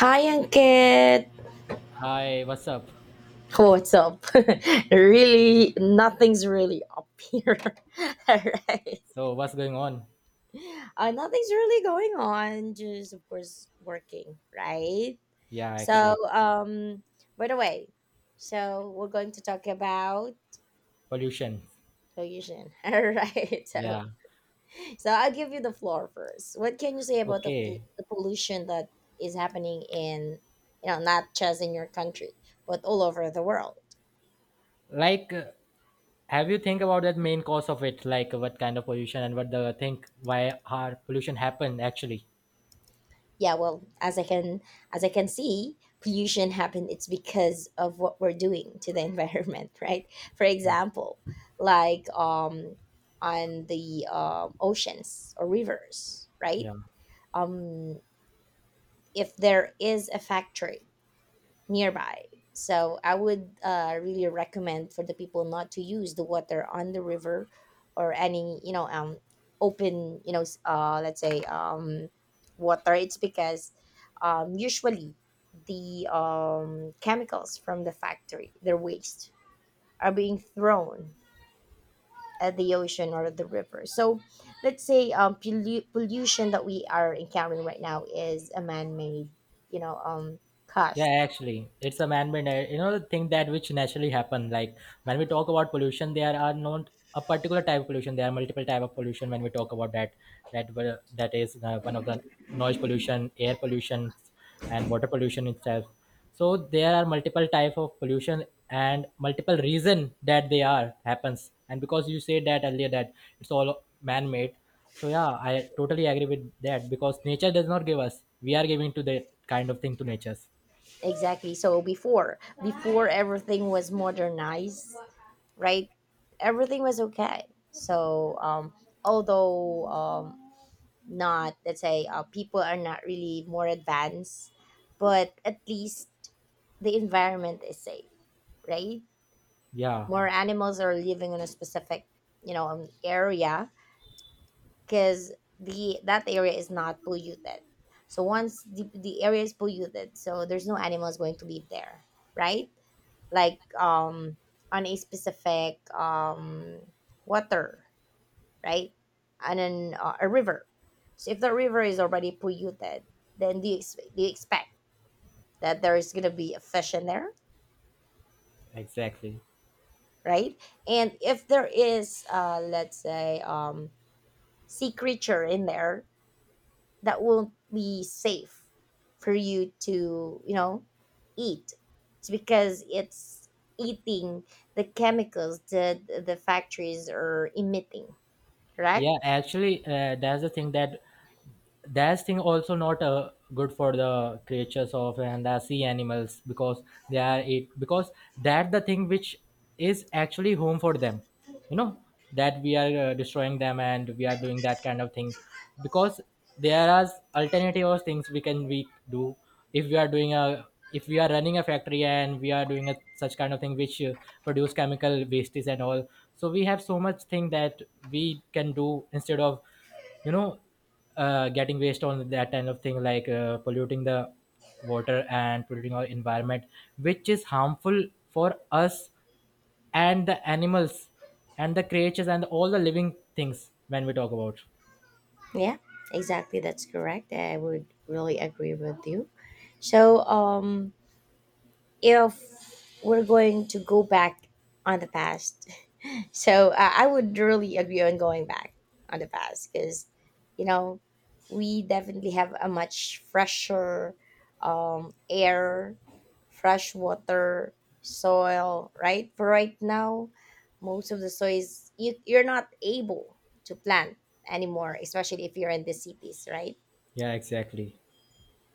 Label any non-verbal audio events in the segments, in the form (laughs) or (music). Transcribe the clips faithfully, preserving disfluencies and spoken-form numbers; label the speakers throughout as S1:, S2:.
S1: Hi, Ankit.
S2: Hi, what's up?
S1: What's up? (laughs) Really, nothing's really up here. (laughs) All right.
S2: So, what's going on?
S1: Uh, nothing's really going on. Just, of course, working, right?
S2: Yeah,
S1: So,
S2: actually,
S1: um, by the way, so we're going to talk about
S2: pollution.
S1: pollution. (laughs) All right. So,
S2: Yeah,
S1: so I'll give you the floor first. What can you say about the, pol-
S2: okay.
S1: the pollution that is happening in, you know, not just in your country, but all over the world?
S2: Like, uh, have you think about that main cause of it? Like, what kind of pollution and what the think why our pollution happened actually?
S1: Yeah, well, as i can as i can see, pollution happen it's because of what we're doing to the (laughs) environment, right? For
S2: Yeah,
S1: example, like um on the um oceans or rivers, right?
S2: yeah.
S1: um if there is a factory nearby. So I would uh, really recommend for the people not to use the water on the river or any, you know, um open, you know, s- uh let's say, um water. It's because um usually the um chemicals from the factory, their waste, are being thrown at the ocean or the river. So let's say um pollu- pollution that we are encountering right now is a man-made, you know, um cost.
S2: Yeah, actually, it's a man-made, uh, you know, the thing that which naturally happen. Like when we talk about pollution, there are not a particular type of pollution. There are multiple type of pollution when we talk about that. That will- that is uh, one of the noise pollution, air pollution, and water pollution itself. So there are multiple type of pollution and multiple reason that they are happens. And because you said that earlier that it's all man-made, so yeah, I totally agree with that because nature does not give us. We are giving to that kind of thing to natures.
S1: Exactly. So before, before everything was modernized, right? Everything was okay. So um, although um, not, let's say, uh, people are not really more advanced, but at least the environment is safe, right?
S2: Yeah,
S1: More animals are living in a specific, you know, um, area because the that area is not polluted. So once the, the area is polluted, so there's no animals going to live there, right? Like um on a specific um water, right? And then uh, a river. So if the river is already polluted, then do you, ex- do you expect that there is going to be a fish in there,
S2: exactly.
S1: right? And if there is uh let's say um sea creature in there, that won't be safe for you to, you know, eat. It's because it's eating the chemicals that the factories are emitting, correct?
S2: Yeah, actually, uh, that's the thing that that's thing also not uh, good for the creatures of and the sea animals because they are it because that the thing which is actually home for them, you know, that we are uh, destroying them and we are doing that kind of thing because there are alternative of things we can we do if we are doing a if we are running a factory and we are doing a such kind of thing which uh, produce chemical wastes and all. So we have so much thing that we can do instead of, you know, uh, getting waste on that kind of thing like uh, polluting the water and polluting our environment which is harmful for us and the animals and the creatures and all the living things when we talk about.
S1: Yeah, exactly. That's correct. I would really agree with you. So, um, if we're going to go back on the past, so uh, I would really agree on going back on the past because, you know, we definitely have a much fresher um, air, fresh water, soil, right? For right now, most of the soils you, you're not able to plant anymore, especially if you're in the cities, right?
S2: Yeah, exactly.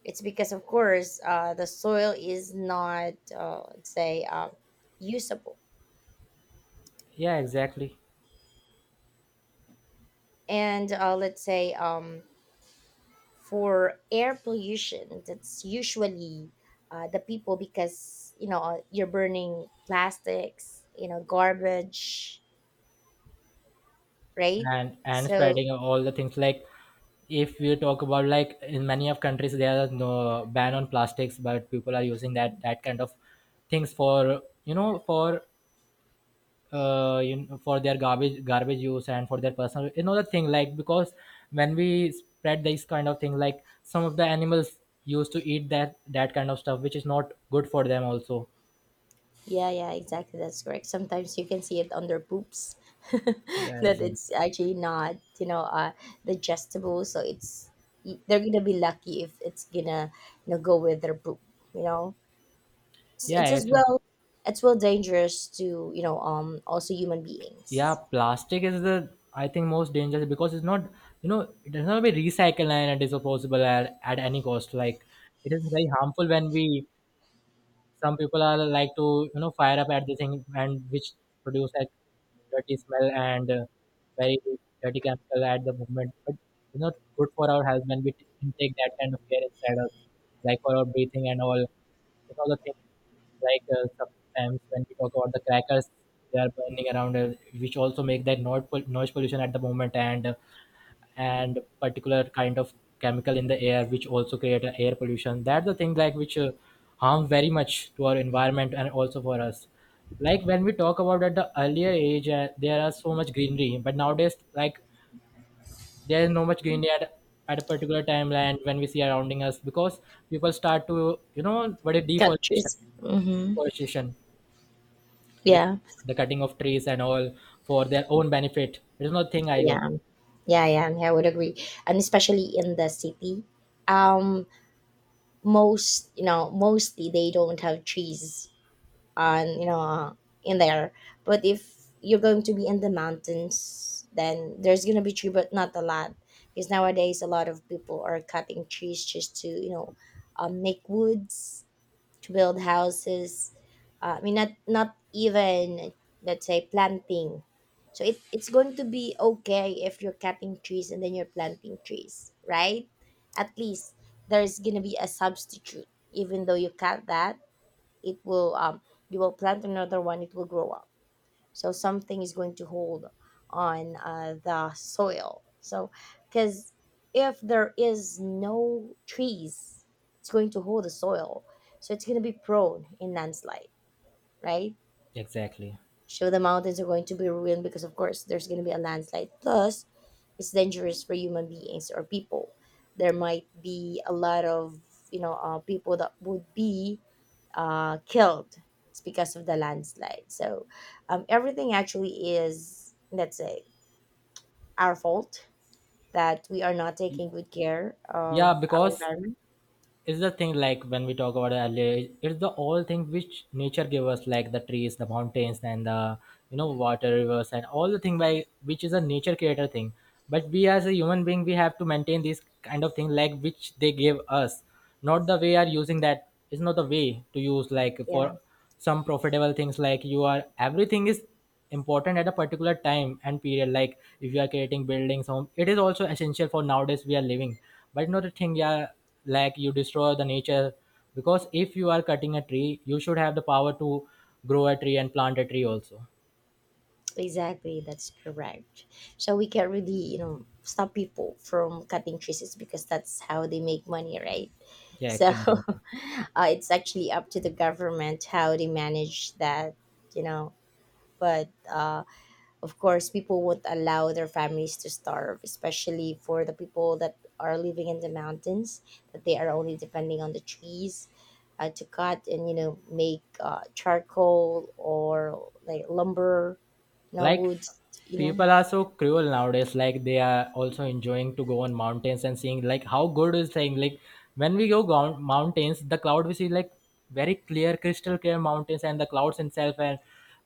S1: It's because, of course, uh, the soil is not, uh, let's say, uh, usable.
S2: Yeah, exactly.
S1: And uh, let's say, um, for air pollution, that's usually uh, the people, because you know, you're burning plastics, you know, garbage, right?
S2: And and
S1: So
S2: spreading all the things like if we talk about like in many of countries there are no ban on plastics but people are using that that kind of things for you know for uh you know, for their garbage garbage use and for their personal, you know, the thing like because when we spread this kind of thing like some of the animals used to eat that that kind of stuff which is not good for them also.
S1: yeah, yeah, exactly, that's correct. Sometimes you can see it on their poops. (laughs)
S2: Yeah,
S1: That
S2: exactly.
S1: it's actually not, you know, uh, digestible, so it's, they're gonna be lucky if it's gonna, you know, go with their poop, you know. It's, it's
S2: yeah
S1: as
S2: it's,
S1: well, it's well dangerous to, you know, um also human
S2: yeah,
S1: beings.
S2: plastic is the I think most dangerous because it's not, you know, it does not be recycled and it is disposable at, at any cost like it is very harmful when we, some people are like to, you know, fire up at the thing and which produce like dirty smell and uh, very dirty chemical at the movement but, you know, good for our health when we t- intake that kind of air inside us like for our breathing and all, you know, the things like uh, sometimes when we talk about the crackers they are burning around us which also make that noise pol- noise pollution at the moment and uh, and particular kind of chemical in the air which also create a air pollution. That's the thing like which uh, harm very much to our environment and also for us. Like when we talk about at the earlier age, uh, there are so much greenery but nowadays like there is no much greenery at, at a particular timeline when we see surrounding us because people start to, you know, what is deforestation.
S1: Countries. Hmm.
S2: Deforestation, the,
S1: Yeah,
S2: the cutting of trees and all for their own benefit, it is not thing I go.
S1: yeah, yeah, yeah. I would agree, and especially in the city, um, most, you know, mostly they don't have trees on, you know, uh, in there. But if you're going to be in the mountains, then there's gonna be tree, but not a lot, because nowadays a lot of people are cutting trees just to, you know, um, make woods to build houses. Uh, I mean, not not even, let's say, planting. So it, it's going to be okay if you're cutting trees and then you're planting trees, right? At least there's gonna be a substitute. Even though you cut that, it will um you will plant another one. It will grow up, so something is going to hold on uh, the soil, so, because if there is no trees, it's going to hold the soil, so it's going to be prone in landslide, right?
S2: Exactly.
S1: So the mountains are going to be ruined, because of course there's going to be a landslide. Plus it's dangerous for human beings or people. There might be a lot of, you know, uh, people that would be uh, killed, it's because of the landslide. So um, everything actually is, let's say, our fault, that we are not taking good care
S2: Yeah,
S1: of our
S2: because
S1: environment.
S2: it's the thing like when we talk about earlier, it's the all thing which nature gave us like the trees, the mountains and the, you know, water, rivers and all the thing by which is a nature creator thing. But we as a human being, we have to maintain this kind of thing like which they gave us, not the way are using that is not the way to use like for
S1: Yeah.
S2: some profitable things. Like you are everything is important at a particular time and period like if you are creating buildings home, it is also essential for nowadays we are living, but not a thing, yeah, like you destroy the nature because if you are cutting a tree, you should have the power to grow a tree and plant a tree also.
S1: Exactly, that's correct. So we can not really, you know, stop people from cutting trees because that's how they make money, right?
S2: Yeah,
S1: So (laughs)
S2: actually.
S1: uh, it's actually up to the government how they manage that, you know. But uh, of course, people won't allow their families to starve, especially for the people that are living in the mountains, that they are only depending on the trees uh, to cut and, you know, make uh, charcoal or like lumber now
S2: Like
S1: would you know.
S2: people are so cruel nowadays. Like they are also enjoying to go on mountains and seeing like how good is saying. Like when we go gou- mountains, the cloud we see like very clear, crystal clear mountains and the clouds itself, and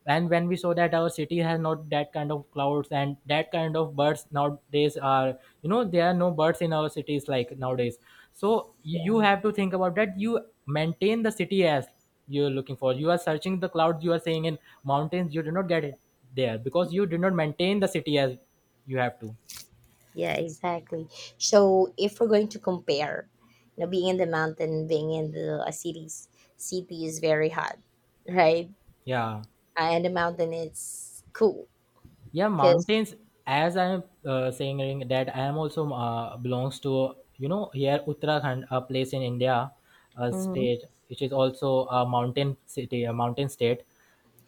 S2: and when we saw that our city has not that kind of clouds and that kind of birds nowadays are, you know, there are no birds in our cities like nowadays. So you you
S1: Yeah,
S2: have to think about that you maintain the city as you're looking for, you are searching the clouds, you are saying in mountains, you do not get it there because you did not maintain the city as you have to.
S1: yeah, exactly. So if we're going to compare, you know, being in the mountain, being in the uh, cities, city is very hot, right?
S2: Yeah.
S1: And the mountain is cool
S2: Yeah,
S1: because,
S2: mountains. As I am uh, saying Ring, that I am also uh, belongs to, you know, here Uttarakhand, a place in India, a
S1: mm-hmm,
S2: state which is also a mountain city, a mountain state.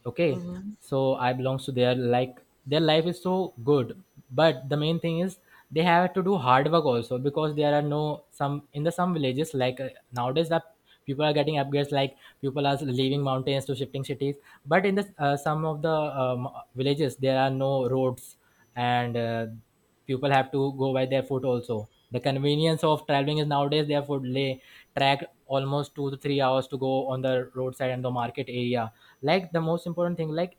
S2: Okay.
S1: mm-hmm,
S2: So I belongs to their like their life is so good, but the main thing is they have to do hard work also because there are no some in the some villages like uh, nowadays that people are getting upgrades like people are leaving mountains to shifting cities. But in the uh, some of the um, villages there are no roads and uh, people have to go by their foot also. The convenience of traveling is nowadays their foot lay, track almost two to three hours to go on the roadside and the market area. Like the most important thing like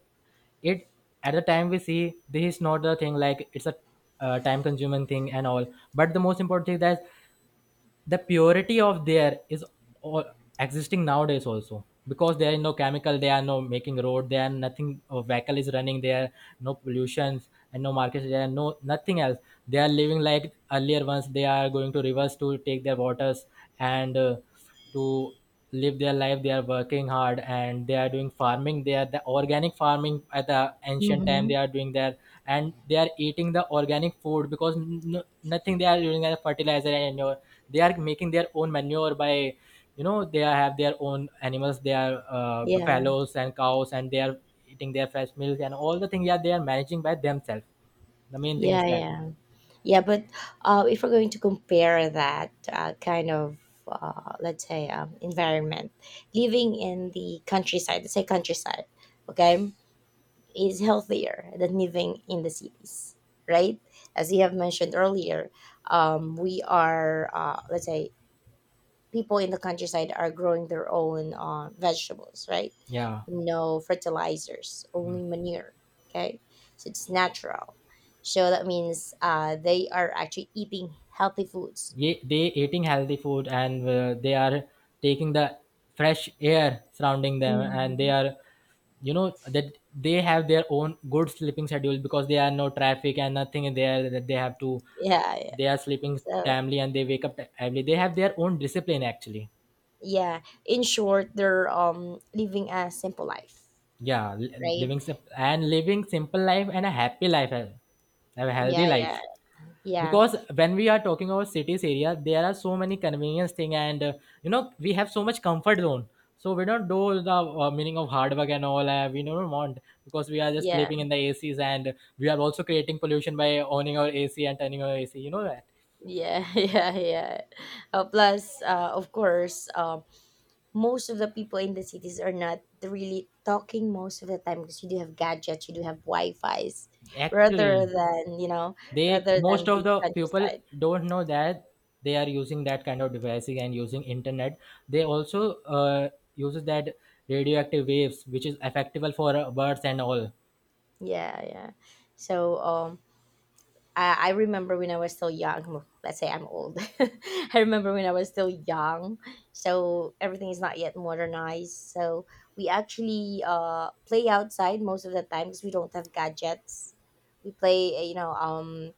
S2: it at the time we see this is not the thing like it's a uh, time consuming thing and all, but the most important thing that the purity of their is all existing nowadays also because there are no chemical, they are no making road, there are nothing uh, vehicle is running there, no pollutions and no markets, there are no nothing else. They are living like earlier ones, they are going to rivers to take their waters and uh, to live their life. They are working hard and they are doing farming. They are the organic farming at the ancient time
S1: mm-hmm,
S2: they are doing there. And they are eating the organic food because n- n- nothing they are using as fertilizer and they are making their own manure by, you know, they are- have their own animals, they are uh,
S1: yeah,
S2: buffaloes and cows and they are eating their fresh milk and all the things. Yeah, they are managing by themselves. The main thing is
S1: yeah
S2: that.
S1: yeah yeah but uh, if we're going to compare that uh, kind of uh, let's say um, environment, living in the countryside, let's say countryside, okay, is healthier than living in the cities, right? As you have mentioned earlier, um, we are, uh, let's say, people in the countryside are growing their own uh, vegetables, right?
S2: Yeah.
S1: No fertilizers, only manure, okay? So it's natural. So that means uh, they are actually eating healthy foods.
S2: Ye- they eating healthy food and uh, they are taking the fresh air surrounding them and they
S1: Hmm.
S2: are, you know, that they have their own good sleeping schedule because there are no traffic and nothing there that they have to,
S1: Yeah, yeah.
S2: they are sleeping
S1: So,
S2: timely and they wake up early. They have their own discipline actually.
S1: yeah, in short, they're um living a simple life,
S2: Yeah, li-
S1: right?
S2: living sim- and living simple life and a happy life, a a healthy
S1: Yeah, yeah,
S2: life.
S1: yeah,
S2: Because when we are talking about cities area, there are so many convenience thing, and uh, you know we have so much comfort zone. So we don't do the uh, meaning of hard work and all. Uh, we don't want because we are just
S1: yeah.
S2: sleeping in the A Cs, and we are also creating pollution by owning our A C and turning our A C. You know that
S1: yeah. (laughs) Yeah, yeah. Uh, plus, uh, of course, um, most of the people in the cities are not really talking most of the time because you do have gadgets, you do have Wi-Fi's, rather
S2: actually.
S1: than, you know,
S2: They
S1: rather
S2: most
S1: than
S2: of
S1: the
S2: the people
S1: countryside.
S2: don't know that they are using that kind of devices and using internet. They also uh, uses that radioactive waves which is effective for uh, birds and all.
S1: Yeah, yeah. So, um, I, I remember when I was still young. Well, let's say I'm old. (laughs) I remember when I was still young. So everything is not yet modernized. So we actually uh, play outside most of the time because we don't have gadgets. We play, uh, you know, um,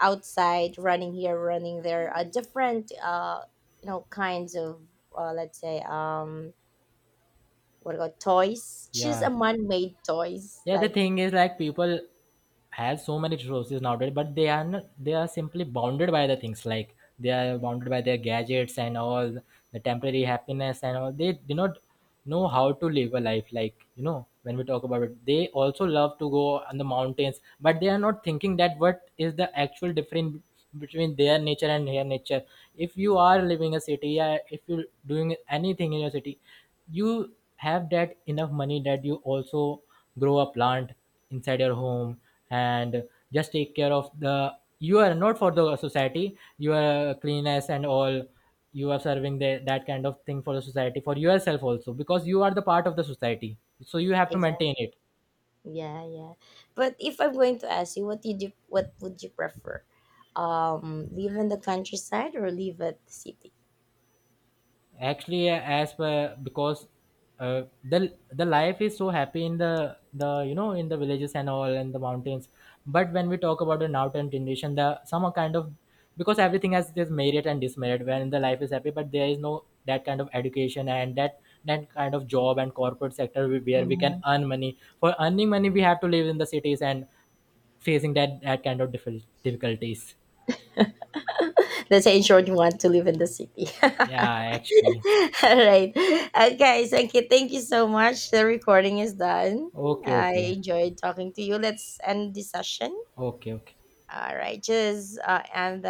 S1: outside, running here, running there. Uh, different, uh, you know, kinds of, uh, let's say, um, what about toys? Just
S2: Yeah.
S1: a man-made toys,
S2: Yeah, the
S1: like.
S2: thing is like people have so many resources nowadays, but they are not, they are simply bounded by the things like they are bounded by their gadgets and all the temporary happiness and all. They do not know how to live a life like, you know, when we talk about it they also love to go on the mountains but they are not thinking that what is the actual difference between their nature and their nature. If you are living a city, yeah, if you're doing anything in your city, you have that enough money that you also grow a plant inside your home and just take care of the, you are not for the society, you are cleanness and all, you are serving the, that kind of thing for the society, for yourself also, because you are the part of the society. So you have to maintain it.
S1: Yeah, yeah. But if I'm going to ask you, what did you, what would you prefer? Um, live in the countryside or live at the city?
S2: Actually, uh, as per because uh, the the life is so happy in the the you know, in the villages and all and the mountains. But when we talk about the now time generation, the some are kind of, because everything has this merit and dismerit when the life is happy, but there is no that kind of education and that that kind of job and corporate sector we- where we can
S1: Hmm.
S2: earn money. For earning money, we have to live in the cities and facing that that kind of difficult difficulties.
S1: Let's say in short, you want to live in the city. (laughs)
S2: Yeah,
S1: All
S2: actually.
S1: right. Okay, thank you. Thank you so much. The recording is done.
S2: Okay,
S1: I
S2: okay.
S1: enjoyed talking to you. Let's end the session.
S2: Okay, okay.
S1: All right. Just uh, end